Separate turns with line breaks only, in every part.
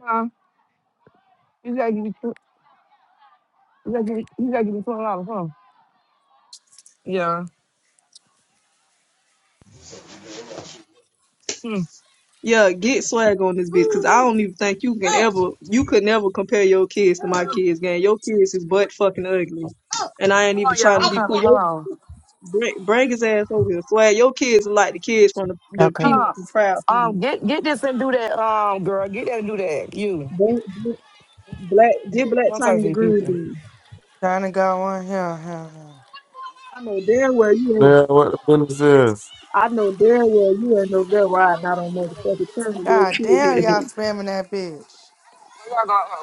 Huh? You gotta give me You gotta give me. You gotta give me twenty dollars, huh? Yeah. Hmm.
Yeah,
You-
get swag on this bitch, cause I don't even think you can ever, you could never compare your kids to my kids, gang. Your kids is butt fucking ugly, and I ain't
Hold on,
even
you
trying
I'm
to be
coming.
cool.
Hold
Yo,
on.
bring, bring his ass over here, swag. Your kids are like the kids from the, the
Okay.
Huh?
Peanuts and Proud
Um,
Family.
get get this and do that. Um, girl, get that and do that. You.
Bring- bring- Black, get black
Don't talk
time
to
the
these
groove.
people.
then.
Trying to go on here. here, here.
I know damn well you ain't.
Yeah, what the fuck is this?
I know damn well you ain't over there riding out on motherfucking turn. Your
God
kids
damn,
are
y'all
like,
spamming that bitch.
There y'all go.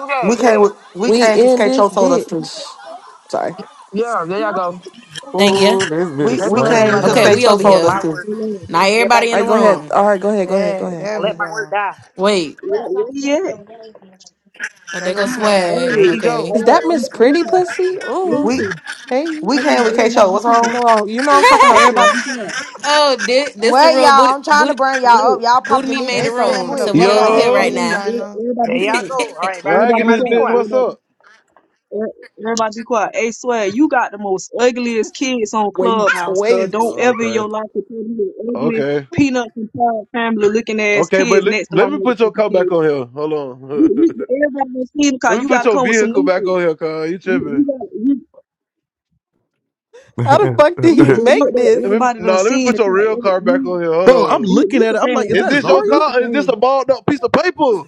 Do that.
We
Do
came
that.
with we
We
came because
in
K-Cho
this
told us to.
bitch. Sorry. All
Yeah. There y'all go.
Thank you.
Ooh, this
We
bitch
They gonna
we
let
came
everybody
because
up.
Okay, we
swinging.
K-Cho
over
This is
told us
here.
my
to.
word.
hold on, hold
Now
on.
Everybody
everybody in
get
the
right,
it
go ahead.
wrong.
room.
All right, go ahead. Go ahead. Go
Yeah,
ahead.
there
Don't
Go
we
let
ahead.
my word
go.
die.
Wait.
Where, where he at? Hey,
Oh,
There
there
go
go
swag.
swag.
There you go.
Okay.
Is that
all right,
Miss
I'm
Pretty
listen,
Pussy? Mm-hmm.
We
listen.
Hey,
we
Hold
came
on,
with K-Cho.
everybody
What's
be
you
wrong?
quiet.
know I, you know I'm talking about
Everybody
you.
be quiet.
oh, this, this the
What
room.
y'all?
Booty,
I'm trying to
booty,
burn y'all up.
Wait,
Y'all
booty
popping the
meat
new
made
They
the
bitch so
spamming
room.
the
So
quick.
we
fuck
Hold
over
out that
here
on.
Yo,
hold
right
shit,
on.
now.
e-
China.
Everybody
There
be
y'all
quiet.
go. All right, everybody,
Everybody
swagging
be
everybody
this
be
quiet.
bitch.
quiet.
What's
Everybody,
up?
e- everybody be quiet. Hey, swear, you got the most ugliest kids on
Wait,
Clubhouse, cuz.
wait.
Don't ever in
Okay,
your life compare me with ugly
okay,
peanut and pie family looking ass
okay. But
kids
le-
next to
let
my
me put your
motherfucking
car back
kids.
on here. Hold
You,
on.
you, everybody done seen the
let
car.
me
You
put
gotta
your
come with some
vehicle
new
back
shit.
on here, car. You
You,
tripping?
you got, you,
How the fuck did he
you, but
make
look, that
this?
Let me,
everybody done
no, let me
seen
put
the
your
car.
real
Every,
car back
you,
on here. Hold
Bro, I'm
on.
this,
looking
this
at
the
it. I'm like,
thing.
is
I
Is
that
be,
this your
this
Zarya?
the
car? Or is
thing.
this a balled up piece of paper?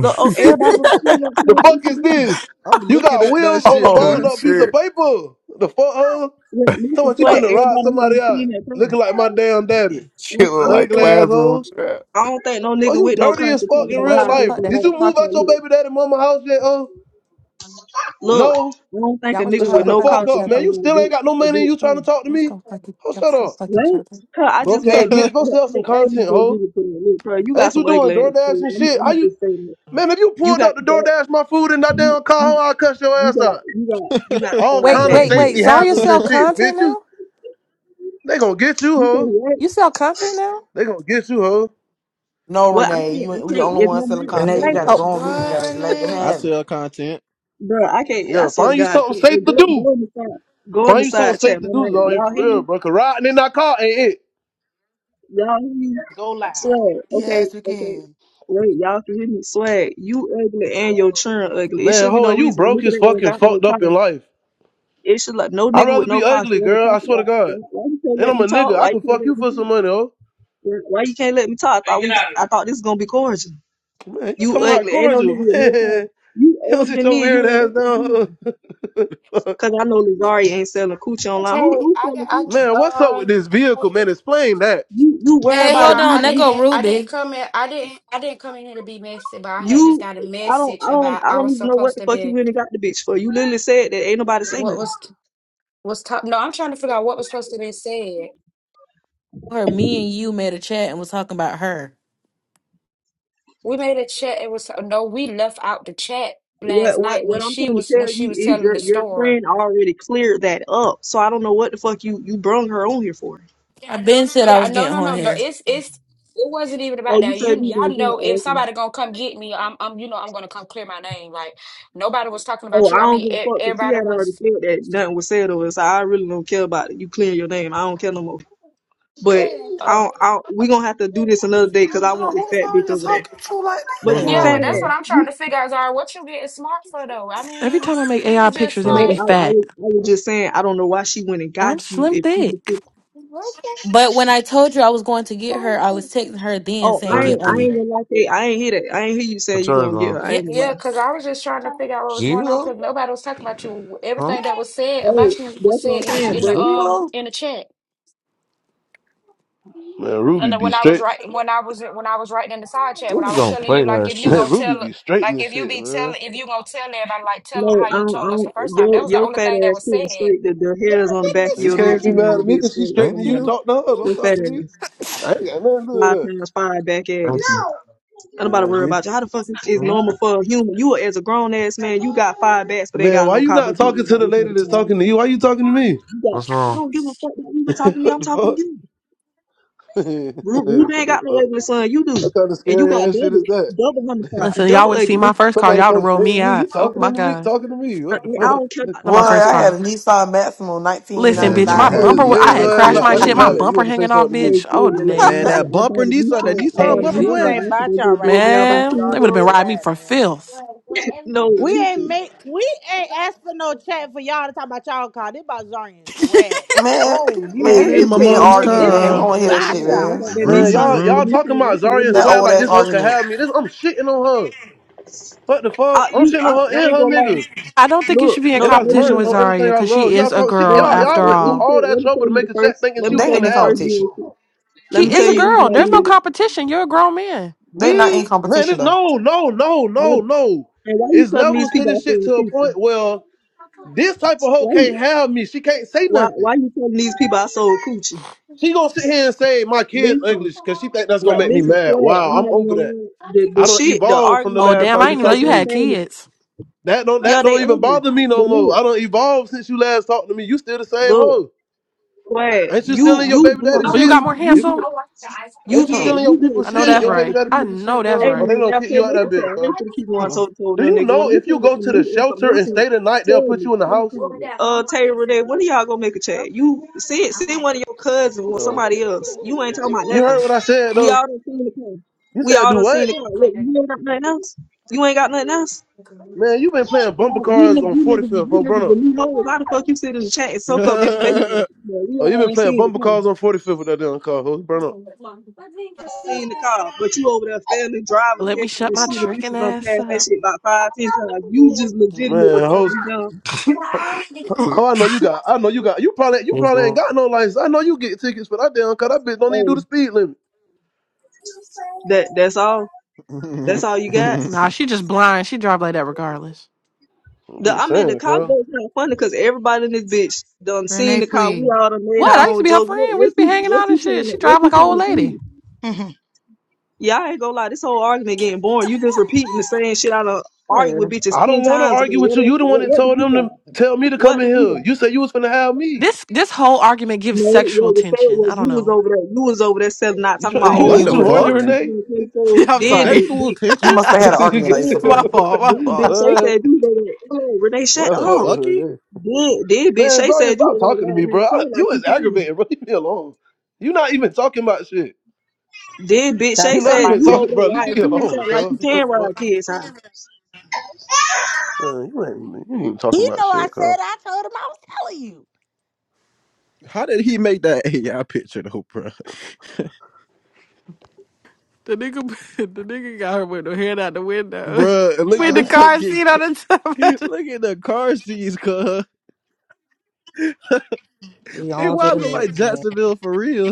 Look,
you
oh, everybody on team that said
The
what
fuck
you
is
doing?
this?
I'm
You
looking
got
at that
wheels on a
shit,
balled
oh
cuz.
up piece of
shit!
paper. The fuck, huh?
Yeah,
So
listen,
what? You
swear
Yo,
finna
everybody
ride
had
somebody
on
out
team that
looking
time.
like my damn daddy?
I don't,
chill
I don't
like
Ugly
think
asshole.
classroom chat.
I don't think no
Oh,
nigga
you
with no
dirty
conscience
as
should talk
fuck in
about
was
real
how a
trying to
bitch
life.
fuck
they
that
got
Did
a
shit.
you move
cock
out
on
your
you.
baby daddy mama house yet? Uh,
Look,
no.
I don't think a
Y'all was
Well,
nigga
trying
shut
with
to
the
no
hunt
fuck
conscience
each
should
up,
talk
other.
man.
about
You
Y'all
a
still ain't got no
bitch a
money. and
bitch
You trying to
thing.
talk to
was
me?
gonna fuck. e-
Oh,
Y'all
shut
was gonna
up,
fuck each
What?
other.
Huh, I just
broke ass
made me
bitch. Go
look,
sell
I
some
I ain't even
content,
gonna
ho.
give it to that look, bro. You got
Ain't you
some
doing
ugly ass
DoorDash
too.
and
I'm,
shit? How
I'm
you,
just saying that.
man? If you
You
pulled
got
up to
back
DoorDash my food in that
you
damn car, ho,
you
I'll cuss your
you
ass
got
out.
you got you got
All
five
Wait,
kind
bad.
of
wait, wait.
safety
Zarya
hazards and
sell
shit,
content
bitch. You,
now?
they gonna get you,
You say
ho.
what?
You sell content now?
They gonna get you, ho.
No,
What I can't
Renee, you
I
ain't- we the
can't
only
it's
one
no
selling
But now
right.
you
content in
gotta
here.
go on mute. You
What,
Oh.
gotta let them
Renee?
I
have it.
sell content.
Bro, I can't. I
Yeah,
swear to
find you
God,
something
hey,
safe to
go,
do.
go in the side, go in the
Find you something
side chat,
safe to
my
do, is
man.
all you
Y'all
for
hear
real,
me?
bro. Cause riding in that car ain't it.
Y'all hear me?
Go loud.
Swag. Okay,
Yes, we
okay.
can.
Wait, y'all can hear me? Swag. You ugly and your churn ugly. It
Man,
should be
hold
no
on, you
reason. A
broke
nigga
as
that don't
fucking
got no
fucked
car.
up in life.
It should like no
I'd
nigga with
rather
no
be
car
ugly,
should ever
girl.
talk
I swear to
about.
God.
Why, why you can't
And
let
I'm
me
a nigga.
talk?
I
Why you
can
can't
fuck
let
you
me
for some
talk?
money, oh.
Why why you can't let me talk? I thought we, I thought this was gonna be cordial.
Man, you
You
talking about
ugly. Ain't no
cordial,
nigga with no car.
man.
You
You don't
older
sit
than
your
me and
weird
you ain't
ass
got no
down.
car.
ho.
Cause I know Lazari ain't selling coochie online. Who
Hey,
who
I
selling
got
coochie?
man, what's up
I,
with
um.
this vehicle,
Hey,
man? Explain that.
You you worry
hey,
hey,
about if
hold
y'all.
you
I
on. There
you
go
didn't. I didn't
Ruby.
come in. I didn't. I didn't come in here to be messy, but I had just
you-
got a
I don't
message
I don't
about
I
I
don't
was
even know what
supposed
the
to
fuck you
be.
really got the bitch for. You literally said that ain't nobody say
What
nothing.
was was top? No, I'm trying to figure out what was supposed to be said.
Her, me and you made a chat and was talking about her.
We made a chat. It was no. We left out the chat last
What
night
what
when
what I'm
she
trying to
was when
tell
she
you
was
is
telling
your
the
your
story.
friend already cleared that up. So I don't know what the fuck you you brung her on here for.
I been said I
Yeah,
was
no,
getting
no,
on
no, no.
here.
It's it's it wasn't even about
Oh, you
that.
said
You
you
y'all
gonna give her
know if
oh, okay.
somebody gonna come get me, I'm I'm you know I'm gonna come clear my name. Like nobody was talking about
Oh,
you.
I
I
don't
mean,
give a
e-
fuck because she
everybody
had already
was.
said that nothing was said or so I really don't care about it. You clear your name. I don't care no more. But I
Uh,
don't, I don't, we gonna have to do this another day because I
Oh,
want this
who's
fat bitch
already
over there.
talking to like
But
What's
your
yeah,
that?
fat
but
wrong,
that's what
man?
I'm
ass.
trying to figure out. Zara, what you getting smart for though? I
Every time
mean,
I make
we
AI
was just
pictures, they
Yeah,
make
No,
me
like,
I, I,
fat,
was- I was just saying, I don't know why she went and
and
got
I'm
you
slim
if she
thick.
could fit.
But when I told you I was going to get her, I was texting her then
Oh,
saying
I
get
ain't,
on
I
thirty-three.
ain't
here.
gonna lie to you. I ain't hear that. I ain't hear you saying
What's
you
yours
gonna get
on?
her. I ain't
Yep.
gonna
yeah,
lie.
because I was just trying to figure out what was going on
Zero?
because nobody was talking about you.
Huh?
Everything that was said
Oh,
about you was
that's what
said
I'm
in the
saying.
in
But
the um
Zero?
in the chat.
Man, Ruby
and then
be
when I was
straight.
writing, when I was when I was writing in the side chat,
What
when I
we
was
gonna
telling
play
you, like
that
if you
shit?
Man,
gonna
Ruby
tell,
be
like
straightening
if you
shit,
be
man.
telling, if you gonna tell everybody, like tell them
no,
how
I
you
don't, I
told us
don't
the first time. That
your,
was the
your
only
fat
thing that
ass
was
sitting
said.
straight. The, the hairs on the back of
You
your neck
can't be mad
somebody
at me
be
because she
straight.
Thank
straightening you.
Somebody,
you.
Talk to her. Don't
your
talk
fat
to me.
ass.
I ain't got nothing to do
Five
with
times five back ass.
Thank you.
that.
I'm about to worry
Yeah, he-
about you. How the fuck is is
Hmm?
normal for a human? You as a grown ass man, you got five backs, but ain't
Man,
got
why
no
you
car.
not
But you worry
talking to
about
the
what
lady
type of
that's talking
car.
to you? Why you talking to me?
You got.
What's
I
wrong?
don't give a fuck that we were talking to you.
What
I'm
the fuck?
talking to you.
what
Ru- Ruben ain't
the
got no
fuck?
ugly son. You do.
What kind of
And you
scary
got
ass shit is
double,
that?
double homicide,
Listen, y'all
double
would have seen
ugly.
my first car.
Somebody
Y'all would have
comes
rolled
straight
me
at you. You
out. Oh
talking to
my
me?
god,
Talking to me?
I, I
What the fuck?
don't care about
not
no
Well,
my
cock.
first
I had
car.
a Nissan Maximo
It
Listen,
Man,
is
bitch,
nigga
my
wrong.
1995.
i
had
Hey,
a
just
bumper. wa- I
laid
Nissan
had
your
hey,
ass
crashed
out
my
like a
Sentra,
shit. My
Caitlin,
dude.
pallet. You
bumper
want to say
hanging off,
something to me?
hey,
bitch. Oh
Caitlin, let
Man,
no,
that
I
bumper
bought a new
Nissan, that
sign. I
Nissan
bought
Hey,
a
bumper,
new
this
boy.
ain't
sign after
about
they
y'all
did
right
roll
now. This
down
about
on
man,
King
they would
Zarya
have
and
been
Road.
riding me
Swag,
for
man.
filth.
No,
We ain't
listen.
make we ain't asked for no chat for y'all to talk about y'all car. This about Zarya and Swag, man. Go
Man, pe-
on mute.
Hey,
I'm
man,
hey,
these
in
people
my
being
Caitlin,
mom's
I ain't
argued,
gonna
This
lie. Uh,
man. We
ain't
don't
car.
want to hear that
when,
about
shit,
I, when I
y'all
man.
got
right
that Nissan,
Man,
now.
Vroom,
y'all
that
y'all
vroom.
Nissan
talking about
after they
Zarya and
did
That
Swag
roll
old
like
ass
this
down.
hoe could
argument.
have me. This I'm shitting on her. What the fuck?
I,
I'm
you,
shitting on her
I, I ain't
and
gonna
her
lie.
nigga.
I don't think you
Look,
should be in
And
no,
I was
no, you
competition
merch
with
not.
on everything
Zaria
I
because
love.
she
Y'all
is a
talk shit.
No,
girl
you
Y'all
not.
after
y'all
Let,
went
let
through
me
all.
all
tell,
that
let me tell
trouble to
you
make
the
a chat
first.
thinking
Let
she
me
was
They
tell
ain't
finna
you
in
have
first.
me.
competition.
reason. Let me
She is
tell
a
you
Me?
reason
girl.
why
There's no
you.
competition. You're a grown man.
They not in
Me? Man,
competition
it's
though.
no, no, no, no, no.
And why you
It's
telling these
levels to
people I
this shit
sold
to a
coochie?
point where this type of hoe
Why
can't
you
have me. She can't say
why
nothing.
why you telling these people I sold coochie?
She gonna sit here and say my kid's ugly
Listen,
because she think that's gonna
right,
make me
listen,
mad.
Fred,
Wow,
I'm
I'm
not even
over
gonna
that.
lie. The
I
the
don't
shit, the
evolve from the
Oh
argument
last
damn, I
time
going
you
didn't even know
talked
because
you
to
you're
had
me.
saying it.
kids.
That don't that
yeah, they
don't even
ugly.
bother me no
But
more.
look,
I don't evolve since you last talked to me. You still the same
look,
hoe.
Fred,
Ain't you still
you
in your
you
baby daddy
didn't
Well,
Mm-mm,
you
shit?
see
got more
Yep.
you
handsome.
You
Ain't you still
mm-mm,
get
in your
you
people
get
I know
tea
shit?
that's
Your
off
baby
the
right.
daddy
I
shit.
people
know
shit,
that's
huh?
Hey
Or
right.
they
man,
don't
I'll
kick
say
you out that
next time.
bitch,
I
huh?
ain't gonna keep going
mm-mm.
so told
Do
no
you
nigga.
know
When you
if you
come with
go
some
to the
new
shelter and
information,
stay the night, they'll
tell
put
me.
you in the
Come and
house?
call me. Uh Taylor Renee, when are y'all gonna make a chat? You send send one of your cousins or
Uh,
somebody else. You ain't talking
you
about
you heard
nothing.
what I said
We
though.
all done seen the car.
You
We
said
all
do
done
what?
seen the car. Look, you ain't got nothing else? You ain't got nothing else?
Man, you been playing bumper
Well, You
cars
niggas,
on
you
45th,
niggas, you
bro. Burn
niggas, the
up.
new hoes. How the fuck you sit in the chat and soak up
Oh, you
information? out of people? We
oh you
all
been
ain't
playing
seen the
bumper
car.
cars on 45th with that damn car, ho. Burn up.
seen the car, but you over there failing
But
driver
let me
tests and
shut my
shit. The
tricking
bitches gonna
ass
pass that
up.
shit about five, ten times. You just legitimately
Man, hoes.
fucking young.
Oh, I know you got. I know you got. You probably you
What's
probably ain't
wrong?
got no license. I know you get tickets for that damn car. That bitch don't even do the
Um,
speed limit.
that that's all. That's all you got.
Nah, she just blind. She drive like that regardless.
I'm
The I
just
mean the
saying,
car
cuz.
joke's kind of funny because everybody in this bitch done seen
Renee,
the car. We
please.
all done made
What?
our
I used to
own
be her
jokes. What,
friend. We
what
used to be
you
hanging
what
out and
you trying
shit.
to
She
what
drive
you
like an
trying
old
to
lady.
prove?
I'm
Yeah, I ain't gonna lie. This whole argument getting boring. You just repeating the same shit I done argued
Yeah.
with bitches
I
ten
don't want to
times ago.
argue with
What
you.
else?
You the one
What,
that
what do
told
you
them
got?
to tell me to come
What
in
do you got?
here. You said you was gonna have me.
This this whole argument gives
No, what
sexual
was said
tension. I
was
don't
you was
know.
over there. You was over there selling out,
You,
talking
try,
I
about
you
mean,
What
oh,
you
what
the
who
you
the
would know,
horny,
fuck
fuck?
Renee.
Renee?
sleeping in the case so
I'm
Then
sorry.
the
Sexual
big,
You
attention?
must have had an
what?
argument like this
then
before.
My fault. My
then bitch
fault.
Shay said you over there. Oh, Renee,
I
shut
what the
fuck
up.
with her.
fucky?
there,
Then then bitch
Man,
Shay
Zarya,
said you
stop
over there
talking to me,
riding
bro.
that
I-
train like
you
you
is
can.
aggravating, bro. Leave me alone. You not even talking about shit.
Then bitch
Stop
You
Shay
not
saying
said
my
even
you
name,
over
talking, bro.
there
Leave
man.
me
riding kids
alone,
out like
cuz.
you
What the
can
fuck?
ride kids out.
Man, you ain't, you ain't even
He
talking about
know I
shit,
said
cuz.
I told him I was telling you.
How did he make that AI picture though, bro?
The nigga the nigga got her with her head out the window.
Bruh, look
With
at
the
the
car
fucking,
seat on the
c-
top.
look at the car seats, cuz.
We
And
on to
why I
the
look like
next, man.
Jacksonville for real?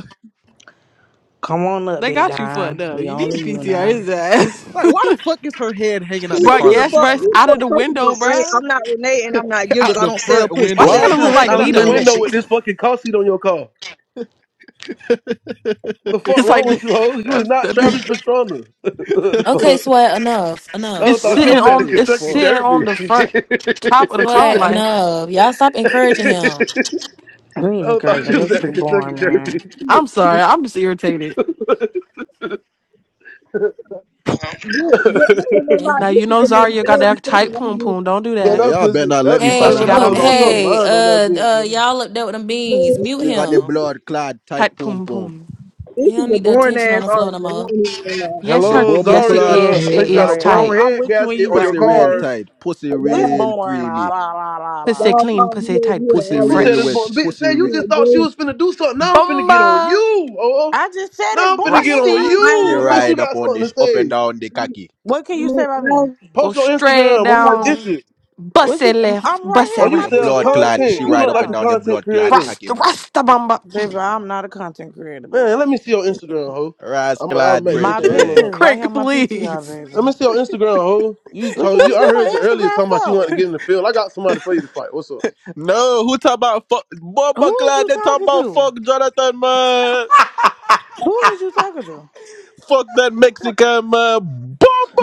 Come on up,
they
big
got you for it
dime.
though.
We
You
on
need
to
to
you
PTR
now.
his ass.
Like, why the fuck is her head hanging out the
Who,
bruh,
who
car
the
like
yes,
fuck?
that,
bruh, it's
Who
bro?
the
out of
fuck?
the
First of all,
window,
I,
bruh.
I'm not Renee and I'm not Gil 'cause
Out
I
the
don't sell
front
pussy. I
Why
window.
she
Why
sell
is
kinda
you
look
content.
like
I
hanging
don't do
me
out the
none of
though?
that
window
shit.
with this fucking car seat on your car? The fuck
It's
wrong
like
with you, ho? You is
that,
not Travis
that,
Pastrana.
Okay, swag, enough.
What the fuck? I
it's
Enough.
would've thought she
Y'all
sitting
was at the
on
funny as
it's
Kentucky
fuck.
sitting on
Derby.
the
I
front top of the car
Swag,
like.
enough. Y'all stop encouraging him.
We ain't
would've thought
encouraging.
she was
This
at the
is
Kentucky
boring, man.
Derby.
I'm sorry. I'm just irritated.
This, this, this, I ain't gonna lie.
Now
This
you
is
know
the most
Zarya got
boring
that tight
fucking
poom
argument,
poom. Don't do
man,
Yeah,
that.
that
y'all better
pussy,
not let
that,
me
That's why
Hey,
find
that,
she
out how
that
got
to
on
remote.
whole
do
them
that
lost her
shit.
Hey,
kids.
mind on that
uh,
bitch,
uh,
man.
y'all up there with them
man.
beans? Mute
She
This,
got the
this
him.
blood clad tight
Tight
pom
poom
pom.
poom.
This
He don't
is a
need the
boring
attention on
ass
the floor no
argument. I don't
more.
even know.
Yes,
The
her.
Hello,
bumbo
Yes, it
clad
Zaria.
is.
I
It
think
Yeah,
you got a
is
sorry. I'm
blown
tight.
I'm
head
with you when
gasket
you
on your
pussy
right, man.
Y'all,
real
This
car.
tight. Pussy
this
y'all,
real
boring. La
creamy.
la la la
Pussy
la.
y'all
clean.
called me
Pussy
over
tight.
here to
Pussy
Pussy
Who
argue
said
real
this
wet.
boy?
fresh.
Bitch,
Pussy
say
with
you
real.
just
Pat
thought she
Drew.
was finna do something. Now I'm finna get on
Bumba,
you, oh.
I just said it's
Now I'm finna
boring,
get
nigga. I
on
don't
Rusty,
I ain't
She
gonna
you
care.
lie.
since you
ride up
got
on
something to
this, up and
say.
down the
I ain't,
khaki.
What
I
can you
ain't, I
say about me?
ain't
go
Post your
straight
Instagram. I'm
gonna
finna
lie.
get
down.
you.
What
Bussy
you? I'm
left.
right here
Oh,
Bussy
on
you
my
The
right.
sell
blood
PTR. What
clad.
you
She
content. You
talking
ride
look
up
like
and
a
about,
down the
content
blood clad
creator.
khaki,
Rasta,
man.
Rasta Bumba.
baby? I'm not a content creator,
Man,
baby.
let me see your Instagram, ho.
Ras
I'm, I'll
clad,
make, make
My
it rain on
picture
brethren.
her.
is right here
Crank,
on my PTR,
please.
baby.
Let me see your Instagram, ho. You
What you
told
want
you
to
I
see
heard you
my
earlier
Instagram
talking about you want to
for?
get in the field. I got somebody for you to fight. What's up?
No, who talk about fuck? Boba
Who is
Glad
you
they talk
talking
about fuck
to?
Jonathan, man.
Who is you talking to?
Fuck that Mexican, man.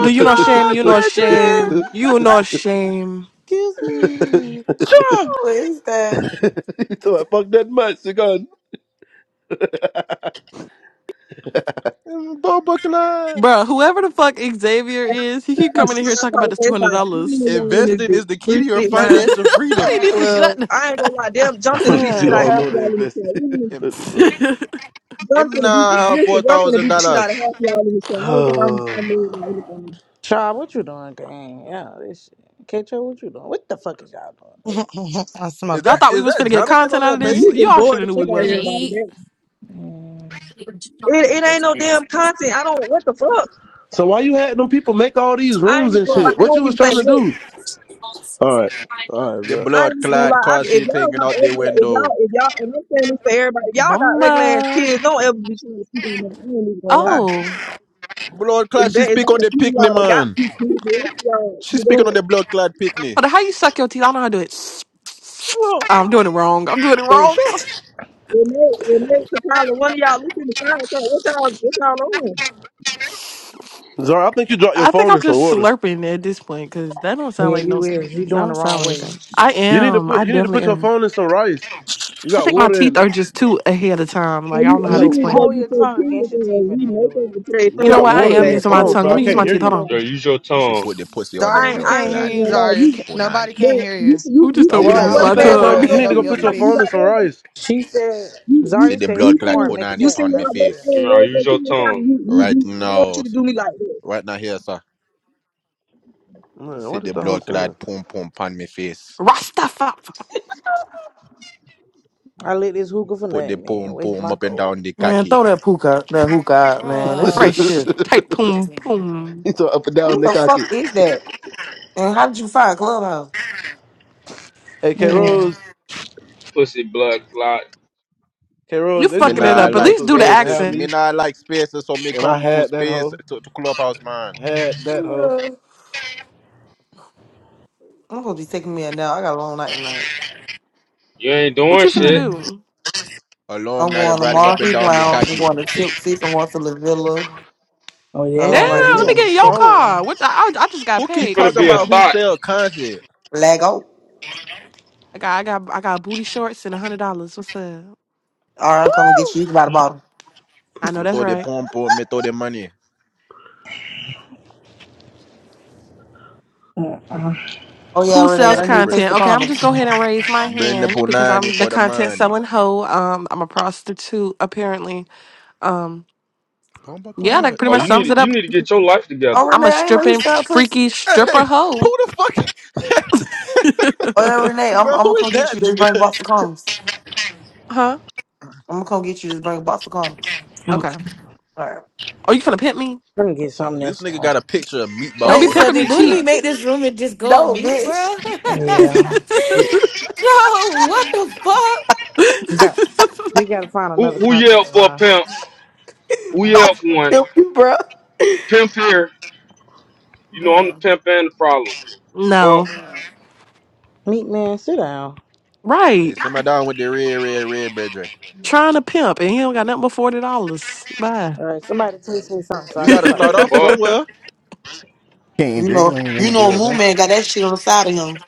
Do you know shame?
Glad,
You know shame. You know shame.
Excuse
brethren. Cha!
Who is that?
so I fuck that much, you gone.
Bomba Glad.
Bro, whoever the fuck Xavier is, he keep coming in here
I
talking about this two
apologize.
hundred
Like, how many
dollars.
of y'all in this
Investing
bitch?
is the key
Three,
to your
six,
he
nine,
financial freedom.
need
me?
to shut.
twelve.
the-
I ain't gonna lie. Damn,
I'm
jumped in
gonna
the beat
let
shit
you
out of
all
half
know they
y'all in this chat.
invested.
Literally,
Em
What the
em
jumped in the beat.
now have four
Listen, jumped in the
thousand
beat shit out of
dollars.
half y'all in this chat. I don't think I'm,
bitch.
I'm moved by anything.
Child, what you doing, gang? Yeah, this shit. KTO, what you doing? What the fuck is y'all
Is
Y'all
that
smoking.
thought we
is
was
that
finna get
Jonathan on
content out of
that
this.
You just
page?
Y'all should
bored the
have knew we
fuck out of
Finna
wasn't.
everybody.
eat.
That
doing?
it, it ain't no damn content. I don't. What the fuck?
so why you had them people make all these
I ain't
rooms
even
and
gonna lie.
shit?
Oh,
I
What you
don't
was
even
trying to
think.
do? All right, all right,
The
bro.
I
blood
ain't gonna
clad
lie. I,
car
if
seat
y'all
hanging
got
out the
ugly, if y'all,
window.
if y'all, and I'm saying this for everybody, if y'all got ugly ass
Bumba.
kids, don't ever be trying to speak on that. I ain't even gonna lie.
Oh, hold
Blood
It's
clad, she
bad. It's
speak
about
on
a
the
few of y'all
picnic,
that got
man.
two kids. The rest of y'all,
She
you know,
speaking on the blood clad picnic.
on. How you suck your teeth? I know how to do it.
Sure,
I'm doing it wrong. I'm doing it
Mm, this-
wrong.
Cha!
when they, when they took out of one of y'all, look in the side and say, what y'all, what y'all on?
Zara, I think you dropped your
I think
phone
I'm
in some
just
water.
slurping at this point because that don't sound
yeah,
like no.
you is.
That
You doing the
don't
wrong
sound like
way.
that. I
You need to
am.
put
I
you need to
definitely
put your
am.
phone in some rice. You
I
got
think my
water in
teeth
it.
are just too ahead of time.
And
Like I
you,
don't know how
and
to
you
No,
need to
explain
go
it.
hold
get
your
your
tongue against
kids
your
and uh,
teeth and
we
then do
make
it.
them today.
You
You
First,
know
got
those
what? I
water
ugly
in
am
your
ass
using my
kids.
phone,
tongue.
cause
Let
Man. I
I
me use
can't
my
ain't
hear
teeth.
even
Hold
gonna
you.
on.
Yo,
lie.
use your
She
tongue.
put the pussy on
I
the
Zaria,
ain't,
we
I
blood
can't
ain't
hear
clad
even
you,
gonna
po-
lie.
Zaria.
You,
Can- Nobody
punani.
but
can't hear
you,
you.
see- you,
Who just
you
Oh,
You
see
told
See
me to
the
how
wow.
use
sound
She
West
blood
my
like you
think I'm
clad
Man
got your
trying.
rolls
tongue?
You
your
punani
hand
need to
on
over
go
me
kids?
your
put your
Like you
phone
speaker.
in
face.
got
some
that?
rice.
She said,
You you
See
Zarya
the
said it's
you
blood clad
boring,
seen
make a
punani
you
child.
seen
upon
That's
me
how
what she
West
said.
You
face.
End
know,
rolls her
use your
kids out.
tongue.
You, you
Right
you I want you
now.
to do me like that.
Right now here, sir.
Man,
See
what is
the
the whole
blood clad
saying?
pum pum upon me face.
Rastafari.
I lit this hookah for
Put the
nothing, man.
pum
Waste
pum
my
up and
gold.
down the
Man,
khaki.
throw that hookah, that hookah out, man. This
bro,
shit's piss.
man.
Fresh. Tight
y'all go
poom
back down.
poom.
He's so up and down,
Who the
Nick
fuck
Hockey.
is that? And how did you find Clubhouse?
Hey, K
Yeah.
Rose,
Pussy blood clot.
K
You
Rose, they
Me
just
fucking
made
it
nah
this
up. At
room
like
so
least do the
Zara can
spaces.
have
accent.
Me
me,
nah like spaces, so me
and I
come to
had that
space
hoe,
to, to clubhouse, man.
had that hoe.
Yeah. I'm supposed to be taking me a nap. I got a long night tonight.
You ain't
What
doing
you finna
shit.
Mm.
do?
I'm
Along now, they
going to
riding up and
Marcus
down the
Lounge. I'm
khaki.
going to Tipsy's. I'm going to La Villa.
Oh,
I got a
Damn,
yeah,
long night
baby,
ahead
let
you
of
me
on the
get
me.
in your
troll.
car. What the, I, I just got
Who
You
keep
paid.
finna
What's
talking
be a
about
up?
who
thought.
sell content?
Lag out.
I got I got I got booty shorts and a hundred dollars. What's up?
All right, I'm coming to get you. You can buy the bottle.
I know
You
that's
throw the
right.
pump on me, throw the money.
mm
Oh, yeah,
Who
So you
Renee.
sells
I
have to
need a
bring
place the
content? Okay, I'm gonna just
condoms.
go ahead and raise my
bring the
hand because
punani
I'm the
for the
content
money.
selling hoe. Um, I'm a prostitute apparently. Um,
Pumper
yeah, that
Clyde.
pretty
Oh,
much
Huh?
you need
sums it
to, you
up.
need to get your life
Oh,
together.
I'm
Renee,
a
I ain't know you
stripping
sell pussy.
freaky
Hey,
stripper hoe.
who the fuck?
Oh, yeah, Renee, I'm,
Bro,
I'm going to
who is
come get
that
you. Just
nigga?
bring a box of condoms.
Huh?
I'm going to come get you. Just bring a box of condoms.
Okay.
Okay.
All right.
Are you gonna pimp me?
Let me get something
This
else
nigga
started.
got a picture of
Don't
meatball
be
Wait,
with her
so
pimping me
did
titties
Booty
cheap.
Me
out.
make this room and just go on
No,
mute,
bitch.
bro?
Yeah.
Joe, what the fuck,
We got we gotta find
Who
another
who yelled
contact
for a
line.
pimp? Who yelled for one?
Help you, bro.
Pimp here. You know I'm the
bro?
pimp and the problem.
no.
Fuck
Bro,
Meat man, sit down.
Hey,
Right.
send my down with the red, red, red, brethren.
Trying to pimp and he don't got nothing but forty dollars. Bye.
All right, somebody teach me something so
You
I can
gotta
start
the
start off
something.
fuck.
oh,
somewhere.
King
You know,
Diggling in
you
the
know, Moon
building.
Man got that shit on the side of him.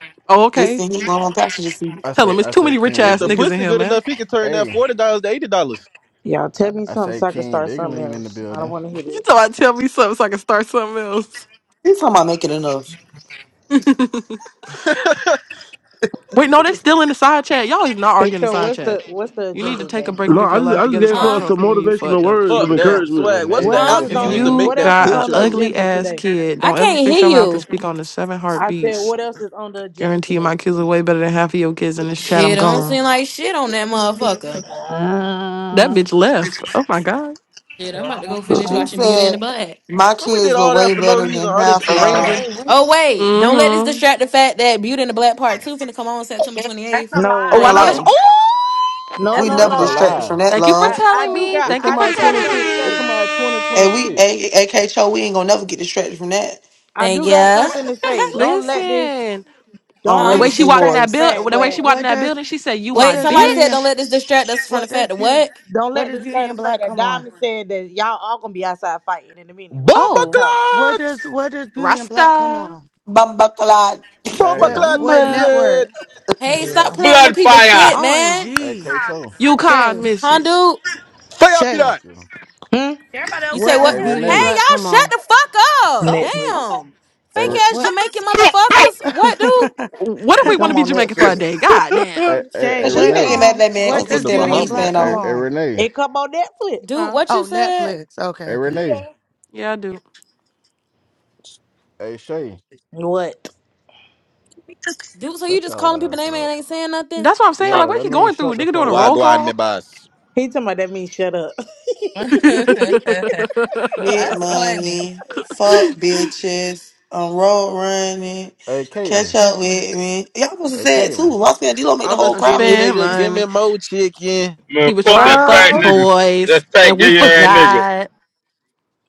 This
okay.
thing he going passenger seat.
I
Tell
say,
him it's
I
too
say,
many rich
King
If
ass
the
Dig.
niggas in
pussy
here,
good
man.
enough, he can turn that
Hey,
forty dollars to eighty dollars.
Y'all
I,
tell me
I
something
say,
so I can
King
start something
Diggling in the
else. I don't
building.
wanna hear
You
this.
thought I'd tell me something so I can start something else.
This time I make it enough.
Fuck
Wait, no, they still in the side chat. Y'all is not
Hey
arguing the
Cho,
side
what's
chat.
the what's the
You need to
agenda
take a
today?
break and
No,
get
I
your
just
life
I just
together. It's
gave
hard to
her
uh,
troll
some
people when you
motivational
fucked up because
words
you
of
the
that
drill.
encouragement.
swag. What's
Renee
What
the
boo
else
app
huh?
is
this
you
If
use
on
to
thing.
make
you
what
that
else
got
is
an
on
picture
the
though?
ugly
agenda
ass
today?
kid,
I
don't ever
can't
fix
hear
your mouth to
you.
speak on the seven
I said
heartbeats.
what else is on the agenda
Guarantee you
today?
my kids are way better than half of your kids in this chat. I'm
Shit, I don't
gone.
seem like shit on that motherfucker.
That
Uh,
bitch left. Oh my god.
Shit, I'm about to go finish
She
watching Beauty and the
said,
Butt.
"My
So we
kids
did
look
all that
way
for no
better
reason.
than
All this
half y'all."
arranging.
Hey, we-
Oh wait, don't let this
Mm-hmm.
distract the fact that Beauty and the Black Part Two finna come on September twenty
that's
eighth.
a
No,
Oh, I
Thank
know
lie.
wait.
that's.
ya,
Hello,
No,
we
That's
Oh,
a
no,
never
That's a
no.
distracted
lie.
lie.
from that
thank you for
I,
love,
Hey,
I
telling
do
me.
Cho.
got
It
Thank you
I
come
for
do
out
got
twenty
telling
six.
something to
It
me.
say.
come out twenty twenty
and we
six.
A- A- AK Cho, we ain't gonna never get distracted from that.
I
thank
do got
Bitch,
ya,
what
something
the
to
fuck
say.
you
Don't let
doing?
this
Listen,
I'm
don't
the
ready
huh?
let
to
way
it
she
see
walked in
distract the
that
hordes.
fact
build, the way
What?
she
that
walked in
What
that
does?
building, she said, "You
What
my
Wait,
does
somebody
beauty
said
and
don't
bitch."
let this distract us from the
what
fact
does
that
beauty?
what?
don't
What
let
does
this
beauty
distract
and
the fact
black
that
come on?
Diamond said that y'all all gonna be outside fighting in a minute when she
Bomba
get the
Oh,
conference.
What
clot!
does what does Beauty and Black come
Rasta,
on?
Bum buckalot.
Bomba
Hey,
What
clot,
what
Bumba,
network?
brethren!
Hey, stop
Yeah.
playing with them
Blood
people
Big
fire.
shit, man.
hey, K
OMG.
Cho.
Games.
you can't
Shay.
miss
Huh,
it.
dude?
Fire
Shay.
for
Fuck you.
Hmm?
Everybody
You
okay
say
What
on
does
what?
Hey,
Beauty
Hey,
and
Renee.
here?
Black
y'all,
come
shut
on?
the fuck up!
Oh,
Netflix.
okay.
Damn,
Hey,
fake
Re-
Wh-
ass
What
Jamaican
Tryna-
motherfuckers. What, dude?
What if
It
we want
come
to be
on
Jamaican for a day?
Netflix.
God damn.
hey,
that!
hey,
Shay,
hey,
And so you
what
can't get
Renee.
mad at
um
that man
I'm
what
because he
from
does
the
stand on
Beauty
what he
and
Hey,
Black
stand
Bahamas.
come
hey,
on.
hey,
on?
Renee.
It come on Netflix.
Dude,
Huh?
what you
Oh,
said?
Netflix. Okay,
Hey,
okay.
Renee.
Yeah, I do.
Hey, Shay.
What?
Dude, so you
Shut
just
y'all
calling people
ass
name
up.
and ain't saying nothing?
That's what I'm saying. Like,
Yeah,
what
that
he
means
going through?
shut the
Nigga doing
fuck
a
up.
roll
Wagwan, me
call?
boss.
He talking about that means shut up.
Get
That's funny.
money, fuck bitches. I'm road running.
Hey,
Catch
Caitlin.
up with me. Y'all supposed to
Hey,
say it
Caitlin.
too. I said D-Lo make the
I'm a
whole
I
crowd.
skinny
do
spent
nigga. Give me
money.
more chicken.
Man,
He was
fuck
trying to
that
fuck
fat nigga.
boys,
That fat
and we
gay ass
Uh,
nigga.
forgot.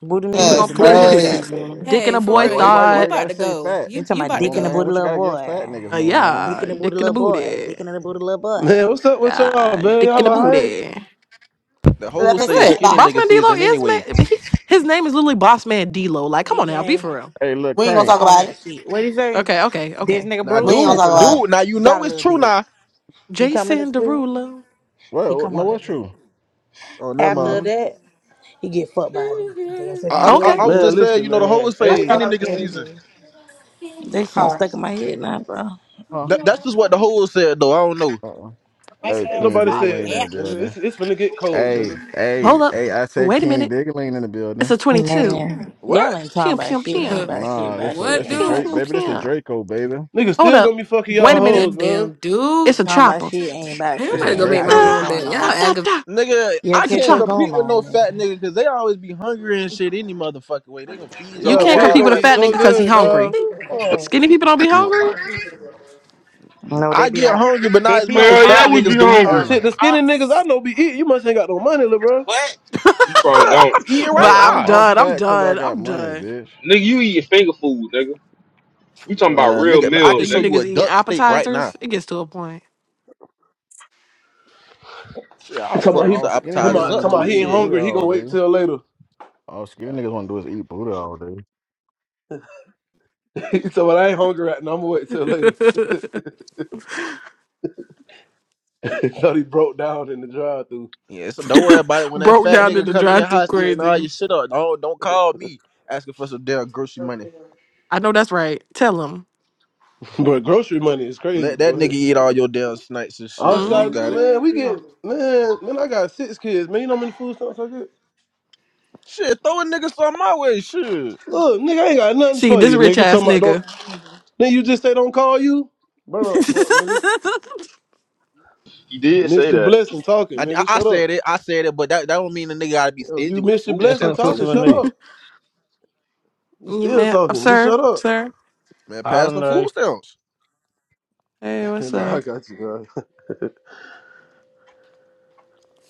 Booty
He
me,
was
you could
That's
gonna put
delete
Wait,
your
his
chat,
crazy.
baby.
dick in
Hey,
a
for
boy
Why
real,
why
you
why why
you
you
thought.
about
gotta
to
say
go?
fat?
You
You
talking
you
about
about to
More
dick in the
man,
go?
booty,
what you
little
gotta give fat
boy?
niggas
Uh,
more man?
Dick
yeah,
in the booty,
dick in a
little boy.
booty.
Dick in the booty, little boy.
Man, what's up with y'all,
Uh,
man?
dick
Y'all
in a
alright?
booty.
the
That
whole
Girl,
pissed
say it's
you know
said,
What?
nah,
skinny
you
nigga
Bossman
want some.
D-Lo
season
is
anyway.
man. He, his name is literally Bossman D-Lo. Like, come
He
on now, be
gay
for real.
Hey, look
we ain't gonna
crank,
talk
on
about
that
it.
shit. What he say?
Okay, okay,
This
okay.
nigga
Now,
We
look
ain't
Bruce
gonna
dude,
talk
cranker
about
lane.
dude,
it.
now you
got
know
a
it's
little
true
dick.
now.
He come in the
Jason
spit.
Derulo.
He
Well,
come
no,
on the
what's
dick.
true?
Oh, never mind.
After
Mm.
that, he get fucked by a dick. Dance if you
I, I, I
gay,
Okay,
I was
Man,
just
Bruce.
saying,
listen,
you know, the whole
man.
say
How
it's
do you
Dance
got a
Hey,
skinny
if
lot
you
of
nigga
gay,
candy?
season.
Bruce. They song
All
stuck
right.
in my head now, bro.
Huh?
That, that's just what the whole said, though. I don't know.
Uh-uh.
Big
Hey,
ain't
ass
King
nobody
cop,
said
Diggling in
that,
the
bitch.
nigga.
building.
It's it's finna get cold, nigga.
Hey, hey,
hold up.
hey! I said
Wait a
King
minute.
Diggling in the
It's
building.
a 22.
Man,
What?
y'all ain't talking
Pew,
about
pew,
shit.
pew.
Ain't
Huh.
about shit.
Nah,
About
this a
shit.
what,
it's a
Ain't
Pew,
about
dude?
Drake
pew,
shit.
baby. This a
pew.
Draco baby.
Nigga
Hold
still
up.
gonna be fucking
Wait
y'all
a minute.
hoes,
Good
man.
damn dude.
It's
Ain't
a
talking about
chopper.
shit. Ain't about
Hey, I'm
It's
about
a
shit.
to go
Ain't
make my
got
Draco.
shit
room
Ah,
going
da,
bed. Y'all
da,
on.
da,
aggravating.
da.
Nigga,
Yeah,
I
It's a
catch
can't
your
chopper.
compete
going
with
on,
no fat
man.
nigga because they always be hungry and shit any motherfucking way. They gonna feed your
You
Yeah,
whole
can't
bitch
all
Why
compete with
are
gonna
a
type
eat
of
fat
you
nigga
so
shit.
trying
because
to
Man.
he
skip
good,
hungry.
people?
Skinny people don't be
Nah.
hungry.
No, they
I
be
get
on
hungry, but
they
not as
be
much
on
as
Hell yeah,
fat
Molly.
we
They
niggas
be
be
do.
hungry.
Hey,
starving
Shit, the skinny niggas I know be eating. You must ain't got no money, little bro.
You probably
Uh,
don't.
I'm eating
But
right
hey! I'm
I'm
now.
I'm
done. I'm
fat cause I
done.
got
I'm
money,
done.
bitch.
Nigga, you eat your finger food, nigga. We talking
Alright.
about
Man,
real
nigga, I
So
meals,
can show
you
nigga.
you
niggas
a
eating
duck steak right now.
appetizers? It gets to a point.
Shit, I'll
Talking
fuck
about
me
he,
some
All skinny
talking
niggas
appetizers
about,
want
talking
up
to
about
do
too,
is
he ain't
eat booty
shit.
hungry. He
all
gonna wait
day.
till later.
All skinny niggas want to do is eat booty all day.
he said, "Well, I ain't hungry right now. I'm gonna wait till later." Thought he broke down in the drive-through.
Yeah, so don't worry about it when that
Broke
fat
down in
nigga
the
come in your
drive through
house eating all
crazy.
your shit up. Don't, don't call me asking for some damn grocery money.
I know that's right. Tell him.
But grocery money is crazy,
Let that
boy.
nigga eat all your damn snipes and
I
shit. I
just
mean, you
got
got it.
man.
hmm
We get man, man. I got six kids, man. You know how many food stamps I get?
Shit, throw a nigga some my way, shit.
Look, nigga, I ain't got nothing
See,
for
this
you,
rich
nigga.
ass
Talking about don't.
nigga.
Then you just say don't call you. Burn up, fuck, nigga.
You did
Missed
say
your
that.
blessing talking,
I, I,
nigga.
I
Shut up.
said it. I said it, but that, that don't mean the nigga gotta be
Yo,
stingy
You
with the
missed your
food
blessing
Excellent
stamps
pussy
though.
talking.
with
Shut
me.
up. You
you
still
man,
talking. Just
sir,
shut up.
sir.
Man,
I
pass
don't
the
know.
food stamps.
Hey, what's
no,
up?
I got you, bro.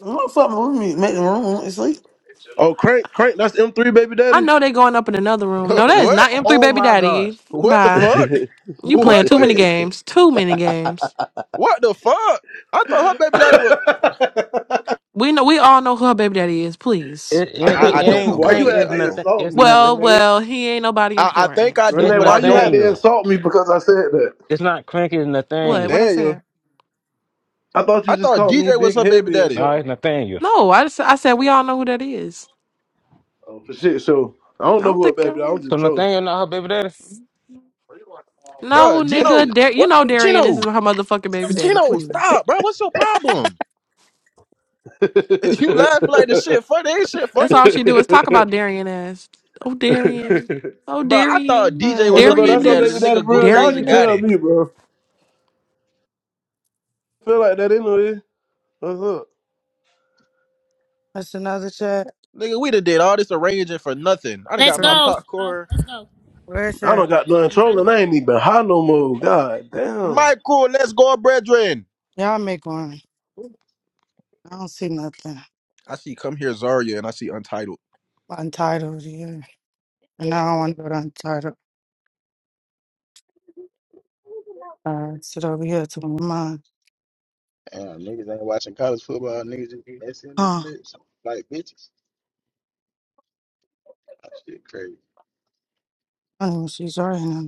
I'm gonna fuck my roommate, make the room and sleep.
Oh, Crank, Crank, that's M3, baby
I
daddy.
know they going up in another room. No, that is
what?
not M3
Oh
Baby
my god.
Daddy.
What the
Bye.
fuck?
You
What?
playing too many
Wait.
games. Too many games.
What the fuck? I thought her baby daddy was.
We know we all know who her baby daddy is, please.
It
I
it, it,
I,
it
I don't know
ain't
who
why
her
you
crank,
baby.
had
it's
Daddy, I
to
don't.
nothing
insult
it's
me,
nothing
Well,
Renee?
well, he ain't nobody
I, I
important.
think I do,
it's
Renee,
but
why
I
you had
don't.
to
Nathaniel.
insult me because I said that?
It's not crank, it's
What? What
Nathaniel.
I
Nathaniel.
said?
I thought you
I
just
thought
called me
DJ was
big
her baby
heavy or
daddy,
No,
something.
it's Nathaniel.
No, I just, I said we all know who that is.
Oh, for shit, so I
I
don't know
don't
who a
think
baby. I'm
I-
So
just trolling.
Nathaniel not her baby daddy?
No,
Bruh, Gino.
nigga, Dar- you
What?
know Darian is her
Gino.
motherfucking baby daddy,
Gino,
please.
stop, bro. What's your problem? You laughing like the shit funny? Ain't shit
That's
funny,
all she do is talk about Darian ass. Oh Darian. Oh
bro. I thought
Darian.
DJ
hey,
Uh,
was
look,
her
bro,
Darian
that's
baby
our
daddy. The
baby
this.
daddy,
nigga go
bro. Y'all
crazy
can
Darian that.
got
tell
it.
me, bro. Feel like that anyway. What's up?
that's another chat.
Nigga, we done did all this arranging for nothing. I done
Let's
got my
From
go. Shaw.
popcorn.
Let's go.
where's
I
that?
don't got done
I'm trying to
trolling.
find.
I ain't even high no more. God damn.
Michael, let's go, brethren.
Y'all make one. I don't see nothing.
I see Come Here Zarya and I see Untitled.
Untitled here. And I don't want to go to untitled. Uh sit over here to one of
Damn, niggas ain't watching college football. Niggas just messing in this
mine.
bitch like bitches. That shit crazy.
Oh, she's right. now.